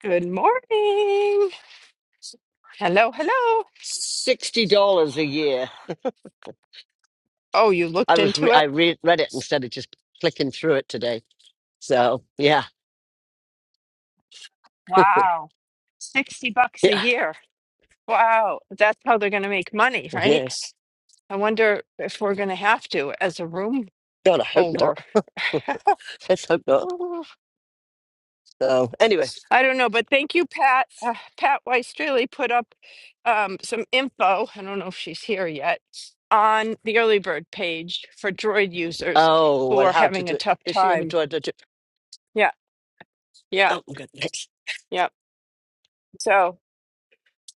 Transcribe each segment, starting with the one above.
Good morning. Hello, hello. sixty dollars a year. Oh, you I looked was into re- I it? re- read it instead of just clicking through it today. So yeah, Wow. 60 bucks a yeah, year. Wow. That's how they're going to make money, right? yes. I wonder if we're going to have to as a room God, I hope not. holder. Let's hope not. Ooh, So anyway, I don't know, but thank you, Pat. Uh, Pat Weistreley put up um, some info. I don't know if she's here yet on the early bird page for Droid users oh, who and are how to having do a it? tough Does she ever time. try to do? Yeah, yeah, Oh, good. Next, yeah. So.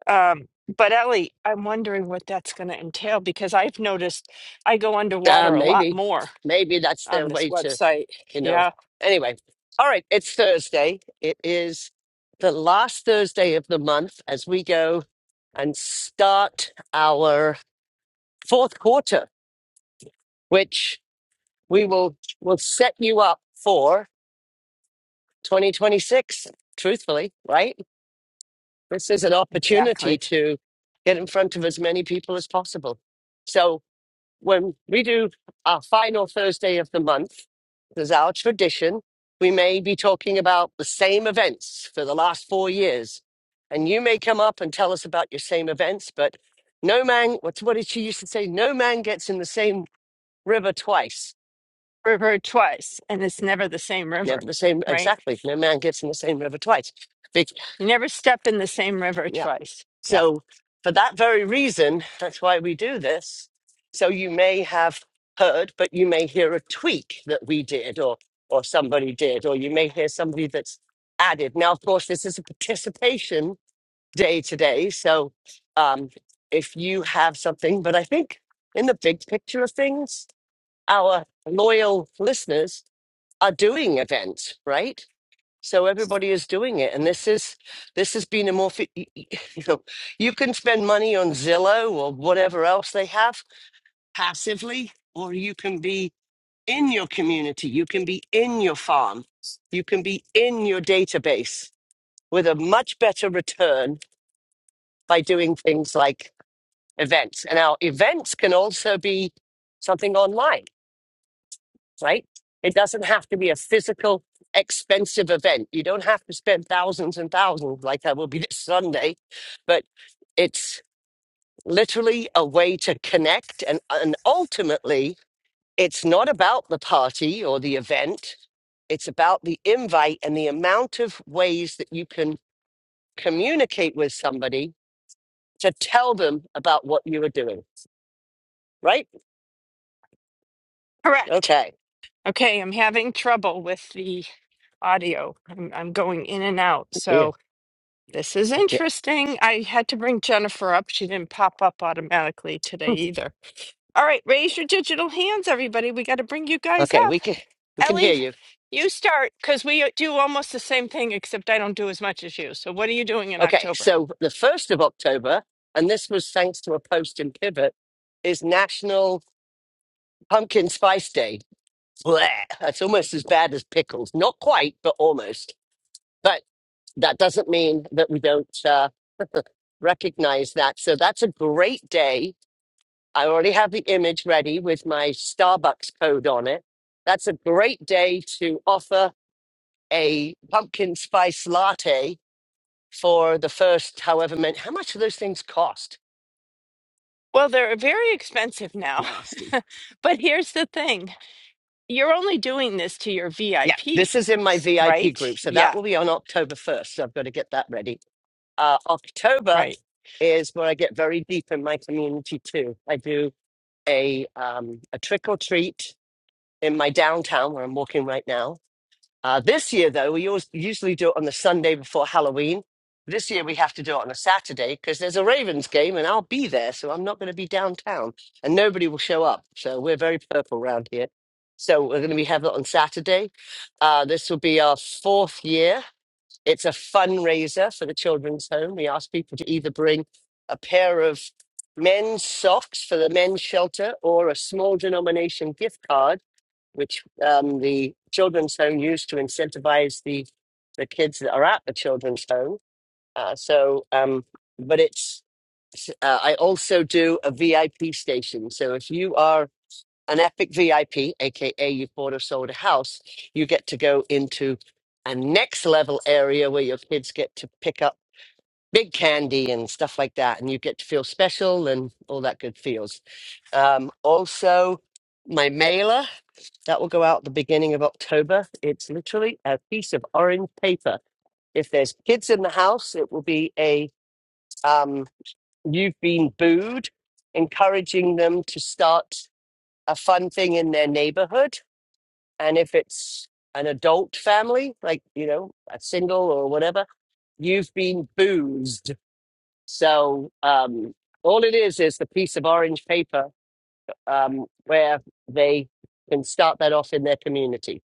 Um, but Ellie, I'm wondering what that's going to entail because I've noticed I go uh, underwater a lot maybe, more maybe that's on their this way to website. you know. Yeah, Anyway, all right. It's Thursday. It is the last Thursday of the month as we go and start our fourth quarter, which we will will set you up for 2026 truthfully right this is an opportunity exactly. to get in front of as many people as possible so when we do our final thursday of the month there's our tradition we may be talking about the same events for the last four years and you may come up and tell us about your same events but no man what's what did she used to say no man gets in the same river twice River twice, and it's never the same Never river, the same, right? exactly. No man gets in the same river twice. Big, You never step in the same river yeah. twice. Yeah, So, for that very reason, that's why we do this. So, you may have heard, but you may hear a tweak that we did or, or somebody did, or you may hear somebody that's added. Now, of course, this is a participation day today. So, um, if you have something, but I think in the big picture of things, our loyal listeners are doing events, right? So everybody is doing it, and this is this has been a more fi- y- y- you know you can spend money on Zillow or whatever else they have passively, or you can be in your community, you can be in your farm, you can be in your database with a much better return by doing things like events, and our events can also be something online. right? It doesn't have to be a physical, expensive event. You don't have to spend thousands and thousands like I will be this Sunday, but it's literally a way to connect. And, and ultimately, it's not about the party or the event, it's about the invite and the amount of ways that you can communicate with somebody to tell them about what you are doing, right? correct. Okay. Okay, I'm having trouble with the audio. I'm, I'm going in and out. Yeah. So this is yeah. interesting. I had to bring Jennifer up. She didn't pop up automatically Hmm. today either. All right, raise your digital hands, everybody. We got to bring you guys Okay. up. We can, we can hear Ellie, you. you start because we uh, do almost the same thing, except I don't do as much as you. So, what are you doing in Okay, October? so the 1st of October, and this was thanks to a post in Pivot, is National Pumpkin Spice Day. Blech, that's almost as bad as pickles. Not quite, but almost. But that doesn't mean that we don't uh, recognize that. So that's a great day. I already have the image ready with my Starbucks code on it. That's a great day to offer a pumpkin spice latte for the first however many. How much do those things cost? Well, they're very expensive now. Nasty. but here's the thing you're only doing this to your Yeah, VIPs, this is in my VIP right? group. So that Yeah, will be on October 1st. So I've got to get that ready. Uh, October right. is where I get very deep in my community too. I do a, um, a trick or treat in my downtown where I'm walking right now Uh, this year, though, we always, usually do it on the Sunday before Halloween. This year, we have to do it on a Saturday because there's a Ravens game and I'll be there. So I'm not going to be downtown and nobody will show up. So we're very purple around here. So we're going to be have it on Saturday. Uh, this will be our fourth year it's a fundraiser for the children's home. We ask people to either bring a pair of men's socks for the men's shelter or a small denomination gift card, which um, the children's home used to incentivize the, the kids that are at the children's home. Uh, so, um, but it's, uh, I also do a VIP station. So if you are an epic VIP, aka you've bought or sold a house, you get to go into a next level area where your kids get to pick up big candy and stuff like that, and you get to feel special and all that good feels. Um, also, my mailer that will go out the beginning of October. It's literally a piece of orange paper. If there's kids in the house, it will be a um, you've been booed, encouraging them to start a fun thing in their neighborhood and if it's an adult family, like, you know, a single or whatever, you've been boozed. So um, all it is is the piece of orange paper um, where they can start that off in their community.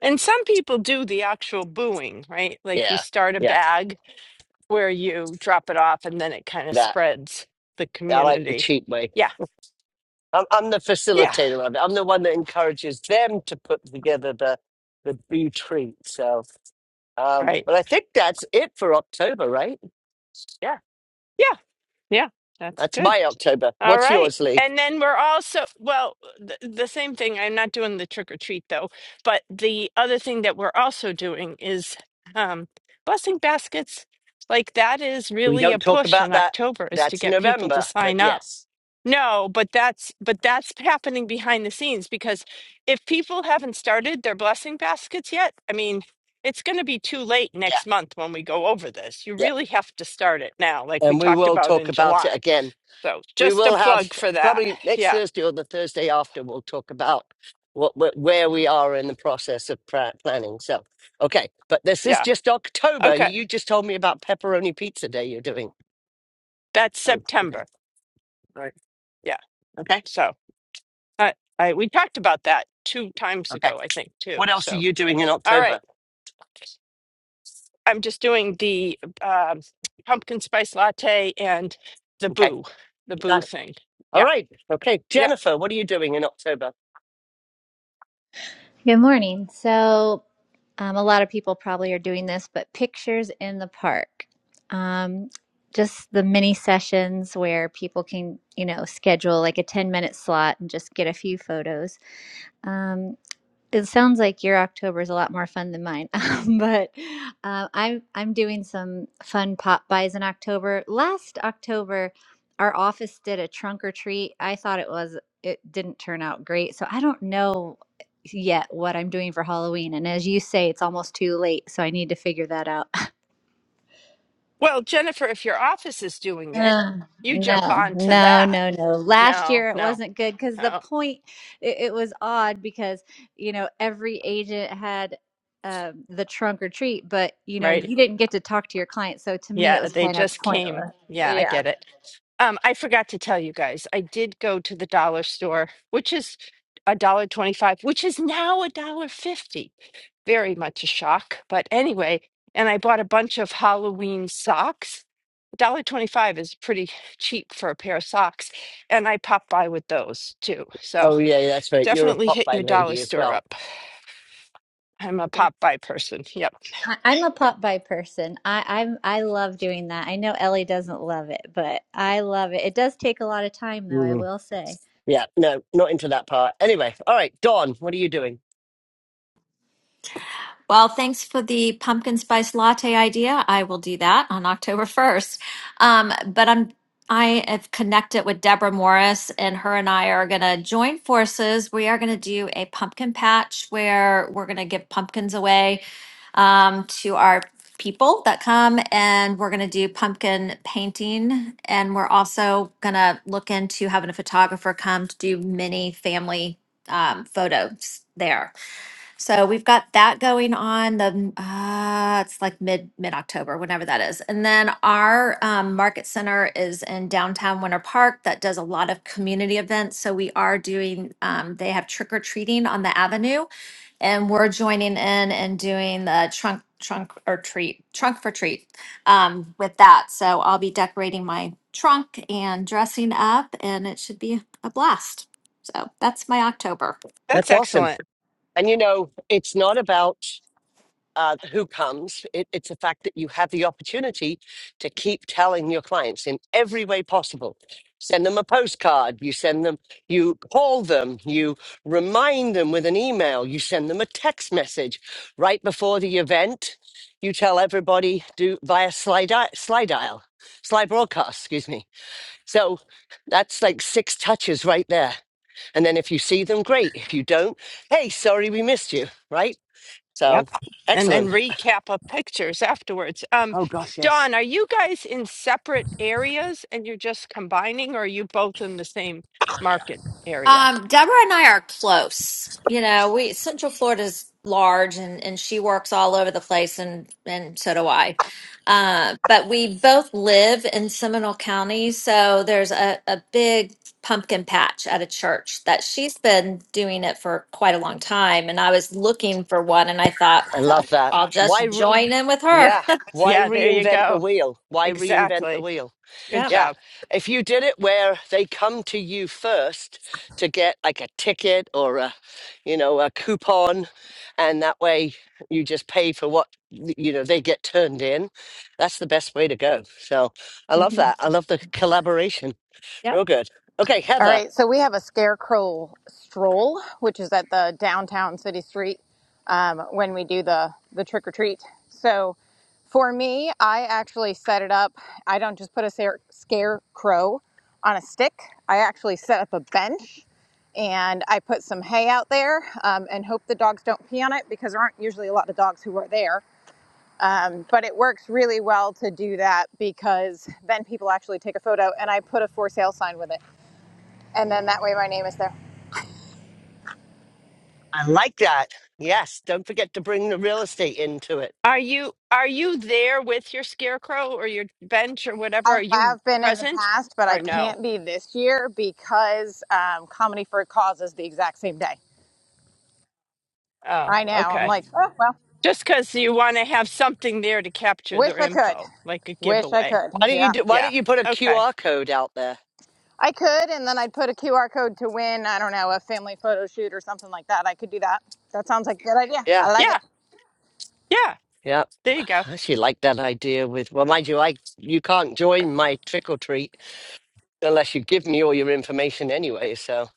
And some people do the actual booing, right? Like you Yeah, start a yeah, bag where you drop it off and then it kind of that. spreads the I like the community. cheap way. Yeah, I'm, I'm the yeah, facilitator of it. I'm the one that encourages them to put together the the boo treat. So, um, right. but I think that's it for October, right? Yeah, Yeah. Yeah, that's that's good. my October. All What's right. yours, Lee? And then we're also, well, the, the same thing. I'm not doing the trick or treat though, but the other thing that we're also doing is um, blessing baskets. Like that is We really a don't talk push about in that. October is to That's get people to November, but sign up. yes. No, but that's but that's happening behind the scenes because if people haven't started their blessing baskets yet, I mean, it's going to be too late Yeah. next month when we go over this. You Yeah. really have to start it now, like we And we talked will about talk in about it July again. so We just a will have plug for that. probably next Yeah. Thursday or the Thursday after, we'll talk about what wh- where we are in the process of pra- planning. So, okay. But this is Yeah. just October. Okay. You just told me about pepperoni pizza day you're doing. That's Oh, okay. September. All right. Yeah. Okay. So I, I we talked about that two times Okay. ago, I think, What too. else are So you doing in all October? right. I'm just doing the um, pumpkin spice latte and the Okay. boo, the boo Got it. thing. All Yeah. right. Okay. Yeah. Jennifer, what are you doing in October? Good morning. So, um, a lot of people probably are doing this, but pictures in the park. Um, just the mini sessions where people can, you know, schedule like a 10 minute slot and just get a few photos. Um, it sounds like your October is a lot more fun than mine, um, but uh, I'm I'm doing some fun pop buys in October. Last October, our office did a trunk or treat. I thought it was it didn't turn out great, so I don't know yet what I'm doing for Halloween. And as you say, it's almost too late, so I need to figure that out. Well, Jennifer, if your office is doing it, Uh, you jump no, on to no, that. no, no. Last No, year it no, wasn't good because the no. point it, it was odd because you know every agent had um, the trunk or treat, but you know Right. you didn't get to talk to your client, so to me it Yeah. was They kind of just came. pointless. Yeah. I Yeah, get it. Um, I forgot to tell you guys, I did go to the dollar store, which is a dollar twenty-five, which is now a dollar fifty. Very much a shock, but anyway. And I bought a bunch of Halloween socks. A Dollar twenty-five is pretty cheap for a pair of socks, and I popped by with those too. So Oh, yeah, yeah, that's right. You're a definitely pop hit by your dollar lady as store well. up. I'm a No. pop by person. Yep, I, I'm a pop by person. I, I'm I love doing that. I know Ellie doesn't love it, but I love it. It does take a lot of time, though. I Mm. will say. Yeah, no, not into that part. Anyway, all right, Dawn, what are you doing? Well, thanks for the pumpkin spice latte idea. I will do that on October 1st. Um, but I'm I have connected with Deborah Morris, and her and I are going to join forces. We are going to do a pumpkin patch where we're going to give pumpkins away um, to our people that come, and we're going to do pumpkin painting. And we're also going to look into having a photographer come to do mini family um, photos there. So we've got that going on the uh, it's like mid mid October, whenever that is. And then our um, market center is in downtown Winter Park that does a lot of community events. So we are doing um, they have trick or treating on the avenue, and we're joining in and doing the trunk trunk or treat trunk for treat um, with that. So I'll be decorating my trunk and dressing up, and it should be a blast. So that's my October. That's that's awesome. excellent. And you know, it's not about uh, who comes, it, it's the fact that you have the opportunity to keep telling your clients in every way possible. Send them a postcard, you send them, you call them, you remind them with an email, you send them a text message right before the event. You tell everybody do via slide, slide dial, slide broadcast, excuse me So that's like six touches right there. And then if you see them, great. If you don't, hey, sorry we missed you, right? So Yep. And then excellent. recap of pictures afterwards. Um, Oh gosh, yes. Dawn, are you guys in separate areas and you're just combining, or are you both in the same market area? Um, Deborah and I are close. You know, we Central Florida's large and and she works all over the place and and so do I. Uh, but we both live in Seminole County, so there's a, a big pumpkin patch at a church that she's been doing it for quite a long time. And I was looking for one and I thought, I "Huh, love that. I'll Why, just re- join in with her. yeah, why Yeah, there you reinvent the go. wheel? Why reinvent the Exactly. wheel? Yeah. Good Yeah. job. If you did it where they come to you first to get like a ticket or a, you know, a coupon, and that way you just pay for what, you know, they get turned in, that's the best way to go. So I love that. I love the collaboration. Real good. Okay, All Heather, right, so we have a scarecrow stroll, which is at the downtown city street um, when we do the, the trick or treat. So for me, I actually set it up. I don't just put a scare- scarecrow on a stick, I actually set up a bench and I put some hay out there um, and hope the dogs don't pee on it because there aren't usually a lot of dogs who are there. Um, but it works really well to do that because then people actually take a photo and I put a for sale sign with it and then that way my name is there. I like that. Yes. Don't forget to bring the real estate into it. Are you are you there with your scarecrow or your bench or whatever? I Are you have been in the present past, but I or no? can't be this year because um, Comedy for a Cause is the exact same day. Oh, I know. I'm okay. like, oh, well, Just because you want to have something there to capture wish their I could. info, like a Wish I giveaway. could. Why don't you Yeah. do, why Yeah. don't you put a Okay. QR code out there? I could, and then I'd put a QR code to win, I don't know, a family photo shoot or something like that. I could do that. That sounds like a good idea. Yeah. I like it. Yeah. Yeah. Yeah, There you go. I actually like that idea with, well, mind you, I you can't join my trick or treat unless you give me all your information anyway. So,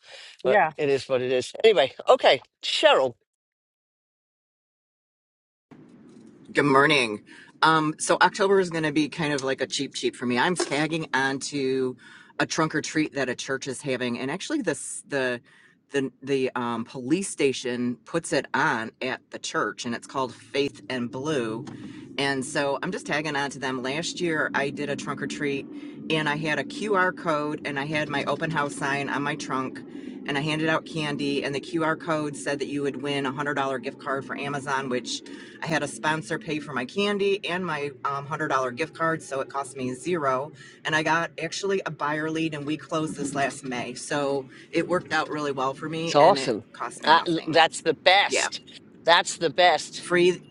but Yeah. it is what it is. Anyway, okay, Cheryl, Good morning. Um, so October is going to be kind of like a cheap cheap for me. I'm tagging onto a trunk or treat that a church is having, and actually this the the the um, police station puts it on at the church, and it's called Faith and Blue. And so I'm just tagging on to them. Last year I did a trunk or treat, and I had a QR code, and I had my open house sign on my trunk. And I handed out candy, and the QR code said that you would win a $100 gift card for Amazon, which I had a sponsor pay for my candy and my um, $100 gift card, so it cost me zero. And I got actually a buyer lead, and we closed this last May. So it worked out really well for it's me, and awesome. it cost me Uh, nothing. that's the Yeah, best. That's the best. free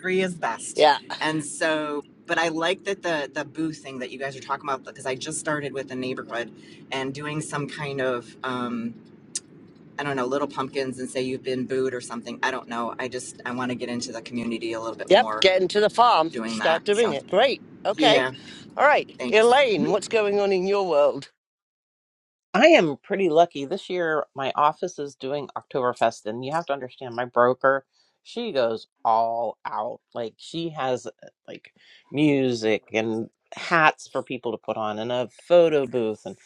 free is best. Yeah. And so, but I like that the the booth thing that you guys are talking about because I just started with the neighborhood and doing some kind of um, I don't know little pumpkins and say you've been booed or something. I don't know. I just I want to get into the community a little bit Yep. more Get into the farm. doing that. Start doing So. it. Great. Okay. Yeah, All right, thanks. Elaine, what's going on in your world? I am pretty lucky. This year, my office is doing Oktoberfest, and you have to understand my broker, she goes all out. Like, she has uh, like music and hats for people to put on and a photo booth. And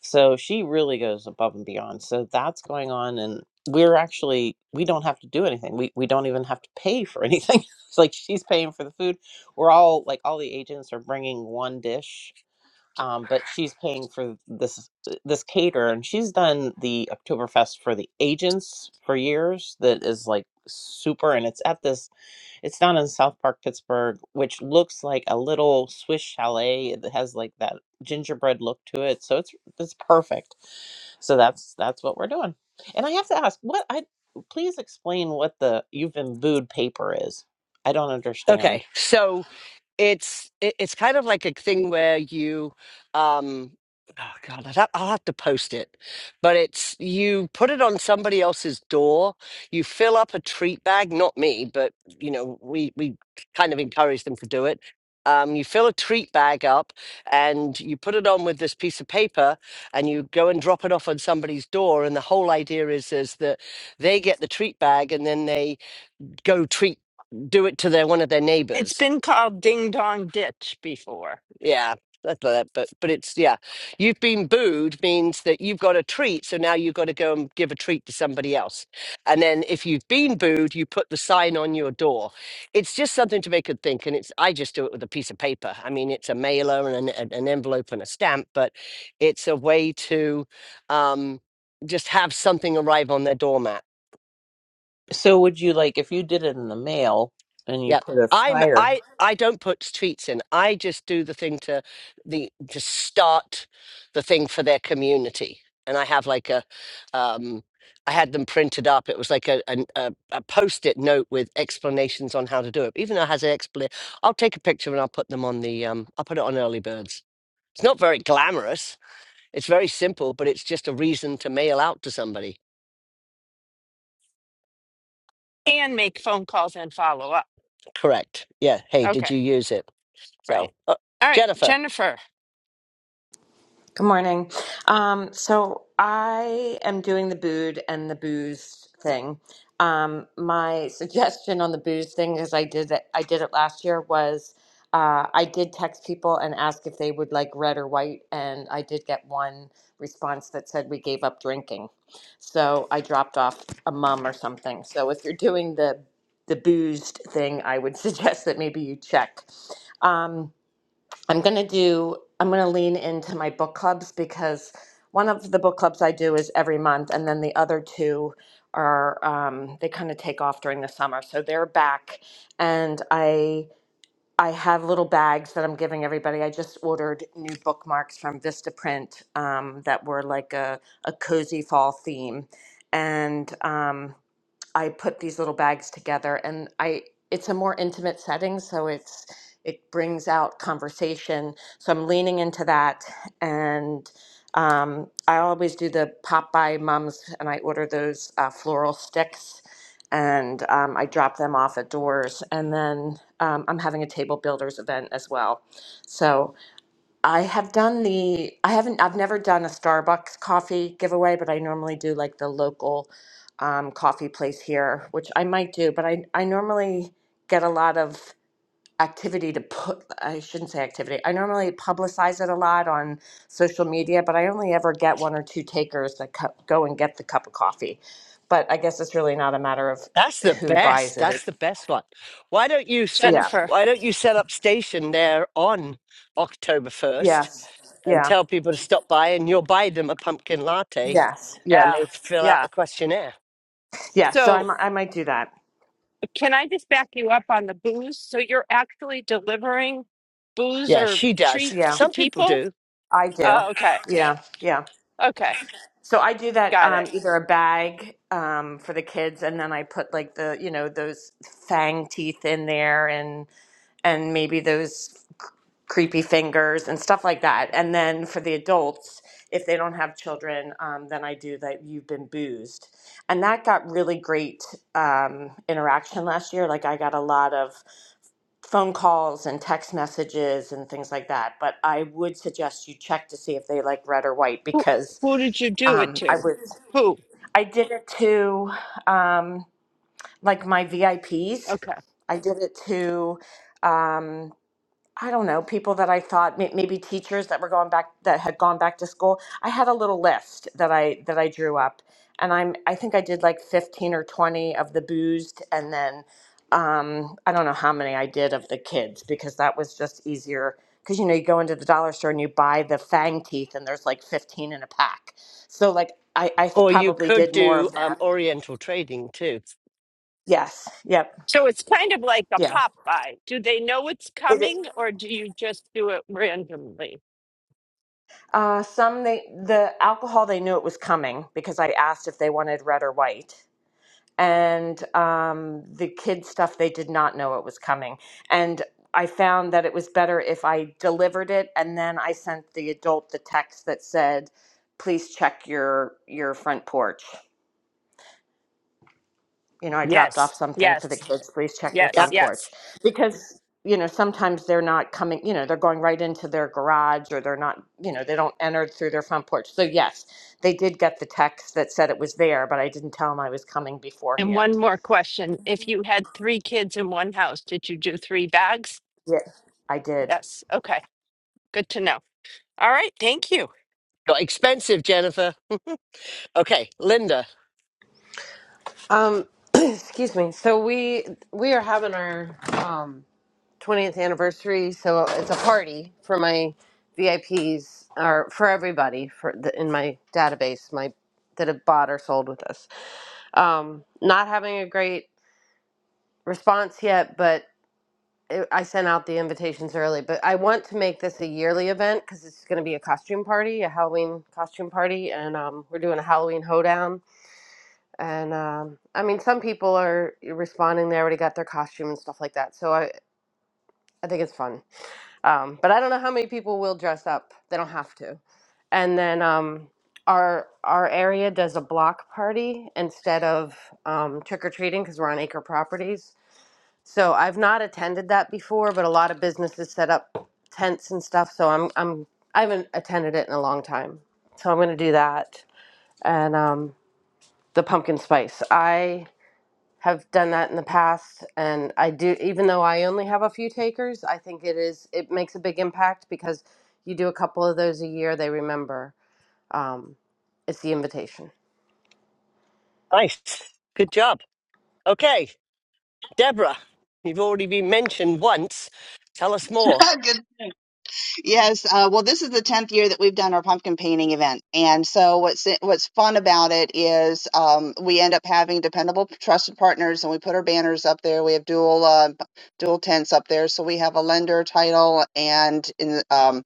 so she really goes above and beyond. So that's going on. And we're actually, we don't have to do anything. We, we don't even have to pay for anything. it's like she's paying for the food. We're all like, all the agents are bringing one dish um, but she's paying for this uh, this caterer, and she's done the Oktoberfest for the agents for years. That is like super, and it's at this. It's down in South Park, Pittsburgh, which looks like a little Swiss chalet. It has like that gingerbread look to it, so it's it's perfect. So that's that's what we're doing. And I have to ask, what I please explain what the you've been booed paper is. I don't Okay, understand. so it's it, it's kind of like a thing where you um oh god I'd have, i'll have to post it but it's you put it on somebody else's door you fill up a treat bag not me but you know we we kind of encourage them to do it um, you fill a treat bag up and you put it on with this piece of paper and you go and drop it off on somebody's door and the whole idea is is that they get the treat bag and then they go treat do it to their one of their It's neighbors been called ding dong ditch before. yeah, that's like that. But but it's yeah, you've been booed means that you've got a treat, so now you've got to go and give a treat to somebody else. And then if you've been booed, you put the sign on your door. It's just something to make it think, and it's I just do it with a piece of paper. I mean, it's a mailer and an, an an envelope and a stamp, but it's a way to um, just have something arrive on their doormat. So would you like if you did it in the mail and you Yep. put a I'm flyer? I I don't put tweets in. I just do the thing to the to start the thing for their community. And I have like a um I had them printed up. It was like a an- a, a post-it note with explanations on how to do it. Even though it has an explanation, I'll take a picture and I'll put them on the um I'll put it on early birds. It's not very glamorous. It's very simple, but it's just a reason to mail out to somebody. And make phone calls and follow up. Correct. Yeah. Hey, did you Okay, use it? right. So, uh, All right, Jennifer. Jennifer. Good morning. Um, so I am doing the booed and the booze thing. Um, my suggestion on the booze thing is I did it, I did it last year was uh, I did text people and ask if they would like red or white, and I did get one response that said we gave up drinking. So I dropped off a mum or something. So if you're doing the the boozed thing, I would suggest that maybe you check. Um, I'm going to do, I'm going to lean into my book clubs because one of the book clubs I do is every month, and then the other two are, um, they kind of take off during the summer. So they're back, and I. I have little bags that I'm giving everybody. I just ordered new bookmarks from Vistaprint um, that were like a, a cozy fall theme. And um, I put these little bags together and I it's a more intimate setting so it's it brings out conversation so I'm leaning into that and um, I always do the Popeye mums and I order those uh, floral sticks and um, I drop them off at doors and then um, I'm having a table builders event as well so I have done the I haven't I've never done a Starbucks coffee giveaway, but I normally do like the local um, coffee place here, which I might do, but I I normally get a lot of activity to put I shouldn't say activity. I normally publicize it a lot on social media, but I only ever get one or two takers that co- go and get the cup of coffee. But I guess it's really not a matter of That's the who buys best. it. That's It's the best one. Why don't you set yeah. Jennifer. why don't you set up station there on October 1st Yes. and Yeah. tell people to stop by and you'll buy them a pumpkin latte Yes. Yeah. and Yeah. they fill out Yeah. the questionnaire. Yeah. So I So, might I might do that. can I just back you up on the booze? So, you're actually delivering booze Yeah, or she does. treats Yeah. to Some people people? do. I do. Oh, okay. Yeah, yeah. Okay. So I do that Got um, it. either a bag um, for the kids, and then I put like the you know those fang teeth in there, and and maybe those creepy fingers and stuff like that. And then for the adults, if they don't have children, um, then I do that you've been boozed. And that got really great um, interaction last year. Like I got a lot of phone calls and text messages and things like that. But I would suggest you check to see if they like red or white Who, because who did you do it um, I to? was Who? I did it to um, like my VIPs. I Ps. Okay. I did it to um, I don't know, people that I thought may- maybe teachers that were going back that had gone back to school. I had a little list that I that I drew up, and I'm I think I did like fifteen or twenty of the boozed, and then um, I don't know how many I did of the kids because that was just easier. Because you know you go into the dollar store and you buy the fang teeth, and there's like fifteen in a pack. So like I I Or you probably could did more do of um, them. Oriental trading too. Yes. Yep. So, it's kind of like a Yeah. Popeye. Do they know it's coming or do you just do it randomly? Uh, some they the alcohol they knew it was coming because I asked if they wanted red or white, and um, the kid stuff they did not know it was coming. And I found that it was better if I delivered it and then I sent the adult the text that said, "Please check your your front porch." you know, I dropped off Yes. something for the Yes. kids. Please check your Yeah, Yes, front porch. yes. Because, you know, sometimes they're not coming, you know, they're going right into their garage or they're not, you know, they don't enter through their front porch. So, yes, they did get the text that said it was there, but I didn't tell them I was coming And one beforehand. more question. If you had three kids in one house, did you do three bags? Yeah. I did. Yes. Okay. Good to know. All right. Thank you. got expensive, Jennifer. Okay, Linda. Um, excuse me. So we we are having our um 20th anniversary, so it's a party for my VIPs or for everybody for the, in my database, my that have bought or sold with us. Um, not having a great response yet, but it, I sent out the invitations early. But I want to make this a yearly event because it's going to be a costume party, a Halloween costume party, and um, we're doing a Halloween hoedown and um, I mean, some people are responding. They already got their costume and stuff like that. So I, I think it's fun. Um, but I don't know how many people will dress up. They don't have to. And then um, our our area does a block party instead of um, trick or treating because we're on acre properties. So I've not attended that before, but a lot of businesses set up tents and stuff. So I'm I'm I haven't attended it in a long time. So I'm going to do that. And um, the pumpkin spice. I have done that in the past and i do even though i only have a few takers i think it is it makes a big impact because you do a couple of those a year they remember um, it's the invitation Nice. Good job. Okay, Deborah. You've already been mentioned once. Tell us more. Good. Yes. Uh, well, this is the tenth year that we've done our pumpkin painting event, and so what's what's fun about it is um, we end up having dependable, trusted partners, and we put our banners up there. We have dual uh, dual tents up there, so we have a lender title and in, um,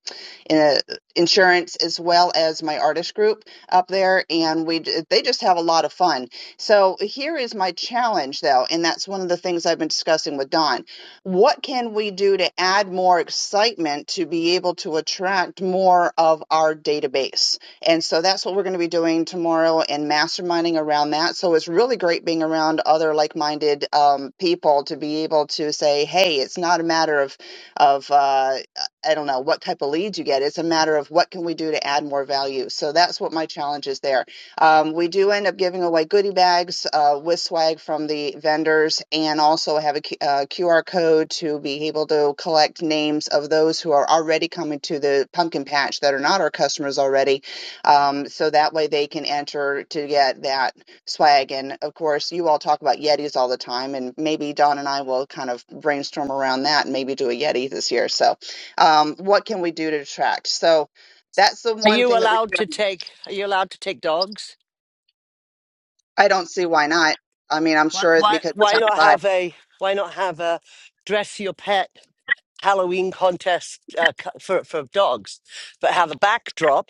in a, insurance as well as my artist group up there, and we d- they just have a lot of fun. So here is my challenge, though, and that's one of the things I've been discussing with Don what can we do to add more excitement to be able to attract more of our database? And so that's what we're going to be doing tomorrow and masterminding around that. So it's really great being around other like minded um, people to be able to say, hey, it's not a matter of, of uh, I don't know, what type of leads you get. It's a matter of what can we do to add more value. So that's what my challenge is there. Um, we do end up giving away goodie bags uh, with swag from the vendors and also have a a Q- uh, QR code to be able to collect names of those who are already coming to the pumpkin patch that are not our customers already. Um, so that way they can enter to get that swag. And of course, you all talk about Yetis all the time, and maybe Don and I will kind of brainstorm around that and maybe do a Yeti this year. So, um, what can we do to attract? So, that's the Are one you thing that we allowed to do take? Are you allowed to take dogs? I don't see why not. I mean, I'm Why? sure Why? because it's Why not outside. have a? Why not have a dress your pet Halloween contest uh, co- for for dogs? But have a backdrop.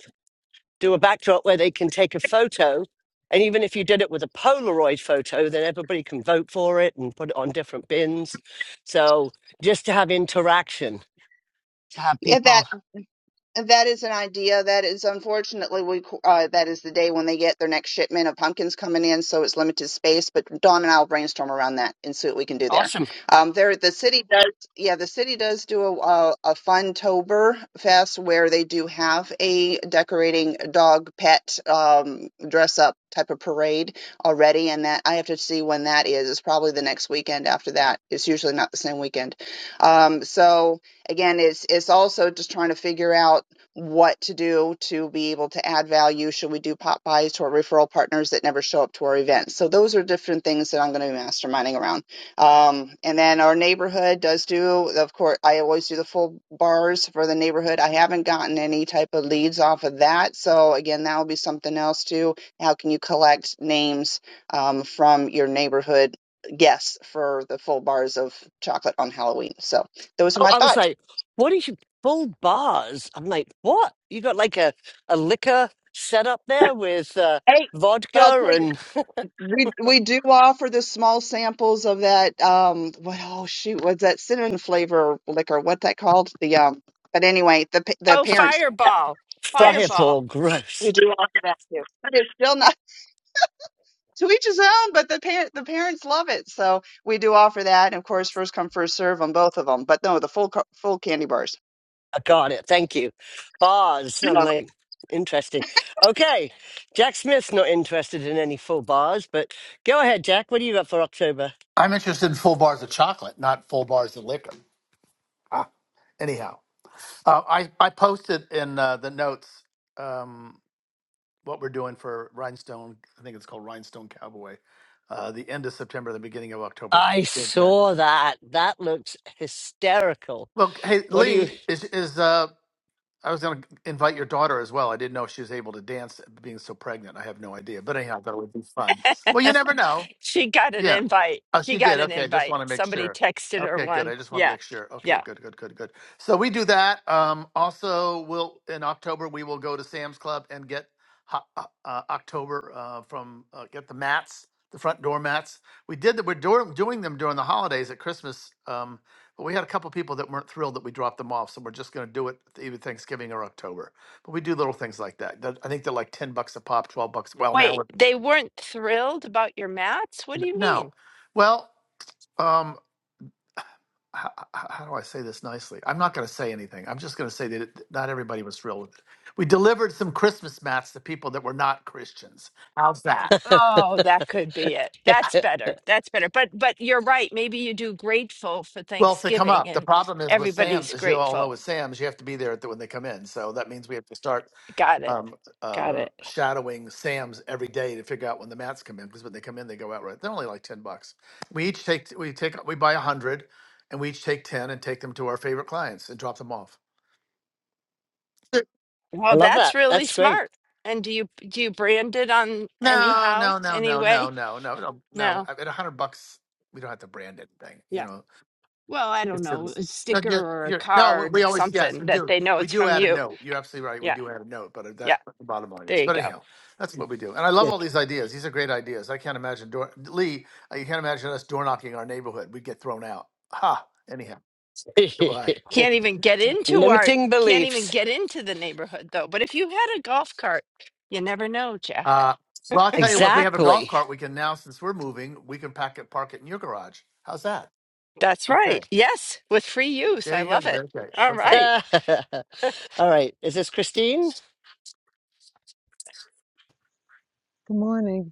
Do a backdrop where they can take a photo, and even if you did it with a Polaroid photo, then everybody can vote for it and put it on different bins. So just to have interaction, to have Yeah, people. That is an idea. That is unfortunately we uh, that is the day when they get their next shipment of pumpkins coming in, so it's limited space. But Dawn and I will brainstorm around that and see what we can do there. Awesome. Um, there the city does, yeah, the city does do a a, a fun tober fest where they do have a decorating dog pet um, dress up type of parade already, and that I have to see when that is. It's probably the next weekend after that. It's usually not the same weekend. Um, so again, it's it's also just trying to figure out what to do to be able to add value. Should we do pop buys to our referral partners that never show up to our events? So those are different things that I'm going to be masterminding around. Um, and then our neighborhood does do, of course, I always do the full bars for the neighborhood. I haven't gotten any type of leads off of that. So again, that will be something else too. How can you collect names um, from your neighborhood guests for the full bars of chocolate on Halloween? So those are Oh, my I was thoughts. like, what is you full bars? I'm like, what? You got like a, a liquor set up there with uh, Hey, but I'll vodka tell you. and We we do offer the small samples of that um what oh shoot what's that cinnamon flavor liquor what's that called the um but anyway the pa- the Oh, parents Fireball. yes Fireball. fireball. we Gross. do offer that too but it's still not to each his own but the parent the parents love it so we do offer that and of course first come first serve on both of them but no the full co- full candy bars I got it. Thank you. Bars. I'm like, interesting. Okay. Jack Smith's not interested in any full bars, but go ahead, Jack. What do you got for October? I'm interested in full bars of chocolate, not full bars of liquor. Ah, anyhow, uh, I I posted in uh, the notes um, what we're doing for Rhinestone. I think it's called Rhinestone Cowboy. Uh, the end of September, the beginning of October. I Exactly. saw that. That looks hysterical. Well, hey What do you? Lee, is is uh, I was going to invite your daughter as well. I didn't know if she was able to dance, being so pregnant. I have no idea, but anyhow, I thought it would be fun. Well, you never know. she got an Yeah. invite. Oh, She she got did. an Okay, I just invite. want to make Somebody sure. texted her Okay, good. one. I just want to Yeah. make sure. Okay, Yeah. good, good, good, good. So we do that. Um, also, we'll in October we will go to Sam's Club and get ho- uh, uh, October uh, from uh, get the mats, the front door mats. We did that. We're do- doing them during the holidays at Christmas, um, but we had a couple people that weren't thrilled that we dropped them off, so we're just going to do it either Thanksgiving or October. But we do little things like that. That- I think they're like ten bucks a pop, twelve bucks. Well, now Wait, we're- they weren't thrilled about your mats? What do you no, mean? well. Um, how, how do I say this nicely? I'm not going to say anything. I'm just going to say that it, not everybody was thrilled with it. We delivered some Christmas mats to people that were not Christians. How's that? Oh, that could be it. That's better. That's better. But but you're right. Maybe you do grateful for Well, if they come Thanksgiving up, the and problem is with Sam's, everybody's as you all grateful. know, with Sam's, you have to be there at the, when they come in. So that means we have to start Got it. um, Got uh, it. shadowing Sam's every day to figure out when the mats come in. Because when they come in, they go out right. They're only like ten bucks. We each take we take we buy a hundred, and we each take ten and take them to our favorite clients and drop them off. I Well, love that's that. really That's great. smart. And do you do you brand it on No, anyhow, no, no, any no, no, way? no, no, no, no. No. I- At a hundred bucks, we don't have to brand anything. You Yeah. know, Well, I don't it's know, just a no. sticker You're, or a you're, no, we card, always yes, something we that do. they know We it's do from add a you. note. You're absolutely right. We Yeah. do add a note, but that's Yeah. the bottom line is. There you But go. anyhow, that's what we do. And I love all Good. these ideas. These are great ideas. I can't imagine door Lee. I can't imagine us door knocking our neighborhood. We'd get thrown out. Ha. Anyhow, goodbye. Can't even get into our Limiting can't even beliefs. get into the neighborhood though. But if you had a golf cart, you never know, Jack. Uh, well, I'll tell you what. If we have a Exactly. golf cart, we can now since we're moving, we can pack it, park it in your garage. How's that? That's Okay. right. Yes, with free use. There I you go. love it. Okay. All Okay. right. All right. Is this Christine? Good morning.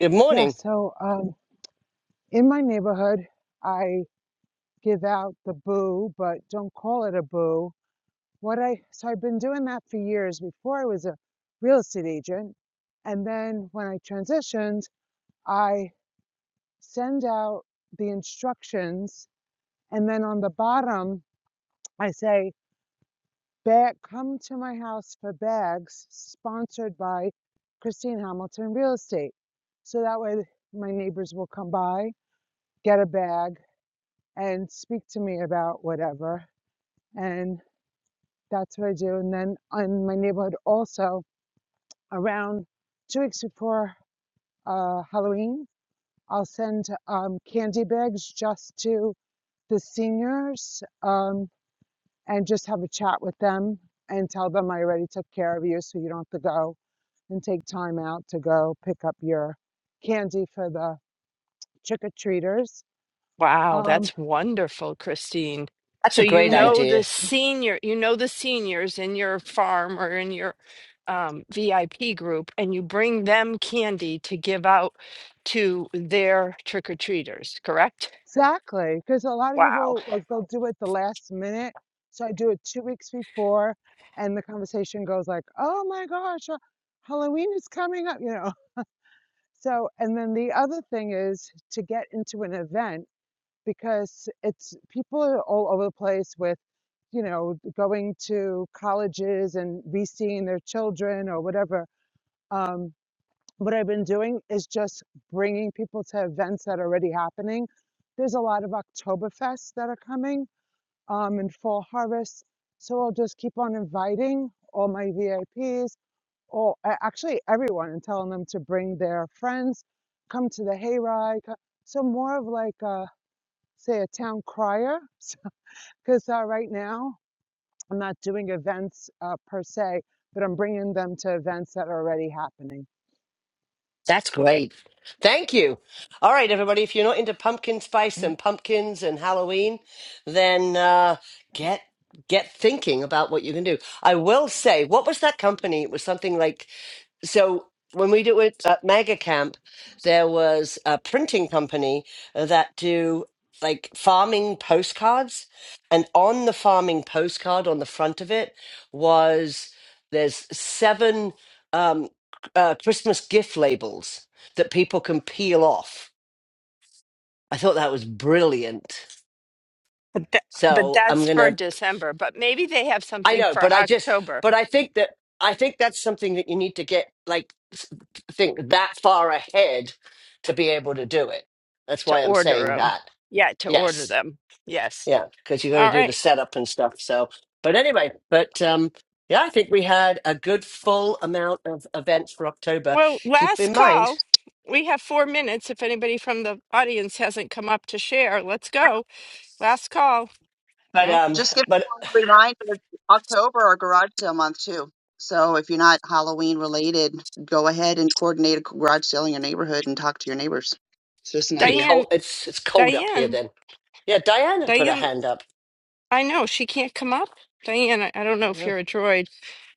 Good Yeah, morning. so um, in my neighborhood, I give out the boo, but don't call it a boo. What I so I've been doing that for years before I was a real estate agent, and then when I transitioned, I send out the instructions, and then on the bottom I say, "Bag, come to my house for bags," sponsored by Christine Hamilton Real Estate. So that way, my neighbors will come by, get a bag and speak to me about whatever. And that's what I do. And then in my neighborhood, also around two weeks before uh, Halloween, I'll send um, candy bags just to the seniors um, and just have a chat with them and tell them I already took care of you so you don't have to go and take time out to go pick up your candy for the trick or treaters. Wow, Um, that's wonderful, Christine. That's a So you great and th- know the idea. senior, you know the seniors in your farm or in your um, VIP group, and you bring them candy to give out to their trick-or-treaters, correct? Exactly, because a lot of Wow. people like they'll do it the last minute. So I do it two weeks before, and the conversation goes like, "Oh my gosh, uh, Halloween is coming up," you know. So, and then the other thing is to get into an event because it's people are all over the place with, you know, going to colleges and reseeing their children or whatever. Um what I've been doing is just bringing people to events that are already happening. There's a lot of Oktoberfests that are coming um, and Fall Harvest. So I'll just keep on inviting all my VIPs or a- actually everyone and telling them to bring their friends, come to the hayride. co- So more of like, a, say, a town crier. Because uh, right now I'm not doing events uh, per se, but I'm bringing them to events that are already happening. That's great. Thank you. All right, everybody. If you're not into pumpkin spice and pumpkins and Halloween, then uh, get get thinking about what you can do. I will say, what was that company? It was something like so when we do it at mega camp there was a printing company that do like farming postcards and on the farming postcard on the front of it was there's seven um, uh, christmas gift labels that people can peel off i thought that was brilliant But that, but so i'm that's for gonna December, but maybe they have I something know, but for I just, October but I think that I think that's something that you need to get like s- think that far ahead to be able to do it. That's to why I'm order saying them. that. Yeah, to order Yes, them. Yes. yeah, because you got to All do the right. setup and stuff. So, but anyway, but um, yeah, I think we had a good full amount of events for October. Well, Keep last in mind, call. We have four minutes. If anybody from the audience hasn't come up to share, let's go. Last call. but No, um, Just give you but a reminder, October, our garage sale month too. So if you're not Halloween related, go ahead and coordinate a garage sale in your neighborhood and talk to your neighbors. It's just an pretty idea. cold. Diane, It's it's cold up here. Diane, Then yeah, Diana put her Diane. hand up. I know she can't come up. Diane, I I don't know if you're a droid,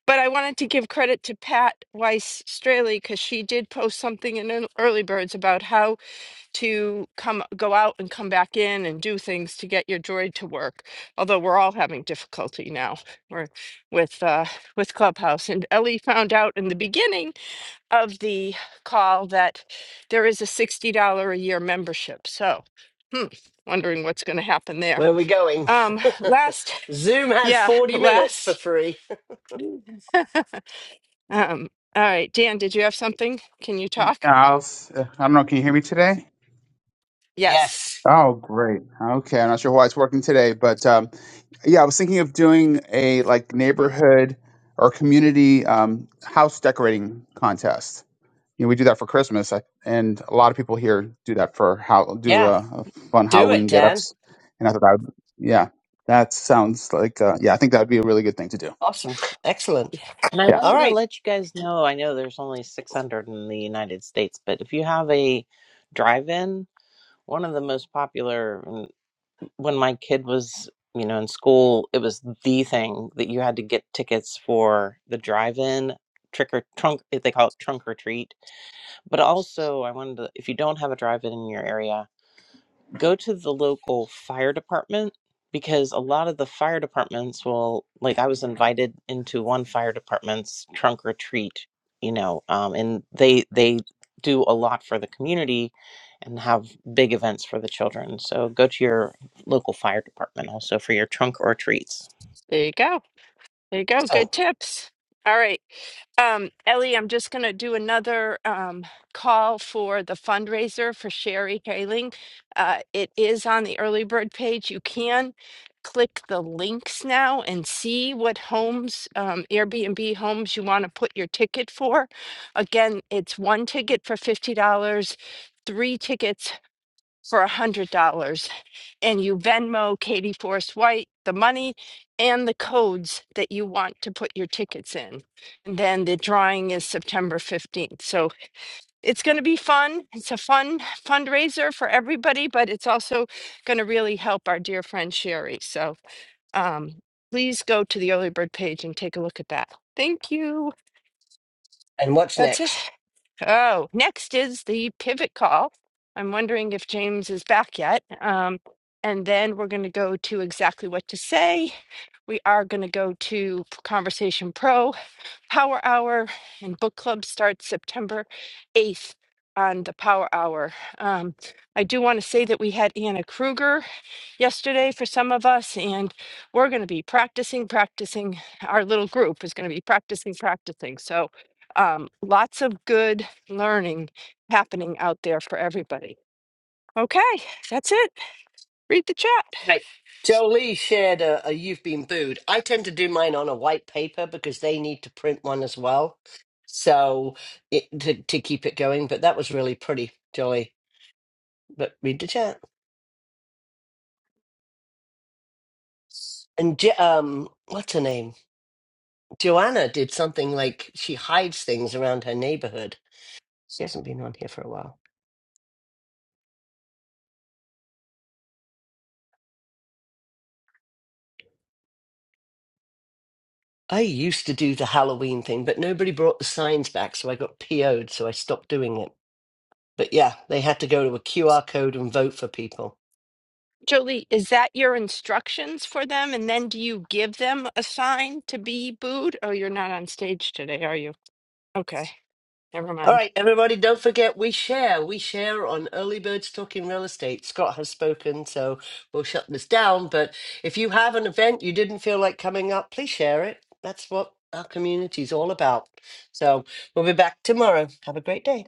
but I wanted to give credit to Pat Weiss Straley because she did post something in an Early Birds about how to come go out and come back in and do things to get your droid to work although we're all having difficulty now we with uh with clubhouse and ellie found out in the beginning of the call that there is a $60 a year membership so hmm, wondering what's going to happen there Where are we going? um last Zoom has yeah 40 minutes for last free. um all right dan did you have something can you talk Yeah, I'll, s- uh, I don't know. Can you hear me today? yes Yes. Oh, great. Okay, I'm not sure why it's working today, but um, yeah, I was thinking of doing a like neighborhood or community um, house decorating contest. You know, we do that for Christmas, I- and a lot of people here do that for how do Yeah. uh, uh, fun Do it, Halloween get Dan. ups. And I thought I would, yeah, that sounds like uh, yeah, I think that would be a really good thing to do. Awesome. Excellent. And I All wanted to right. let you guys know. I know there's only 600 in the United States, but if you have a drive-in, one of the most popular. when my kid was, you know, in school, it was the thing that you had to get tickets for the drive-in trick or trunk, they call it trunk or treat. But also, I wanted to, if you don't have a drive-in in your area, go to the local fire department because a lot of the fire departments will like i was invited into one fire department's trunk or treat you know um, and they they do a lot for the community and have big events for the children so go to your local fire department also for your trunk or treats there you go there you go Excellent. good tips all right Um, Ellie, I'm just going to do another um, call for the fundraiser for Sherry Haling. Uh, it is on the early bird page. You can click the links now and see what homes, um, Airbnb homes, you want to put your ticket for. Again, it's one ticket for $50, three tickets for $100 and you Venmo Katie Force White the money and the codes that you want to put your tickets in. And then the drawing is September 15th. So it's going to be fun. It's a fun fundraiser for everybody, but it's also going to really help our dear friend Sherry. So um, please go to the early bird page and take a look at that. Thank you. And what's That's it. next? Oh, next is the pivot call. I'm wondering if James is back yet. Um, and then we're going to go to exactly what to say. We are going to go to Conversation Pro Power Hour and book club starts September 8th on the Power Hour. Um, I do want to say that we had Anna Kruger yesterday for some of us, and we're going to be practicing, practicing. Our little group is going to be practicing, practicing. So um, lots of good learning happening out there for everybody. Okay, that's it. Read the chat. Right. Jolie shared a, a You've Been Booed. I tend to do mine on a white paper because they need to print one as well. So it, to, to keep it going. But that was really pretty, Jolie. But read the chat. And Jo- um, what's her name? Joanna did something like she hides things around her neighborhood She hasn't been on here for a while. I used to do the Halloween thing, but nobody brought the signs back, so I got PO'd, so I stopped doing it. But yeah, they had to go to a QR code and vote for people. Jolie, is that your instructions for them? And then do you give them a sign to be booed? Oh, you're not on stage today, are you? Okay, never All mind. right, everybody, don't forget we share. We share on Early Birds Talking Real Estate. Scott has spoken, so we'll shut this down. But if you have an event you didn't feel like coming up, please share it. That's what our community is all about. So we'll be back tomorrow. Have a great day.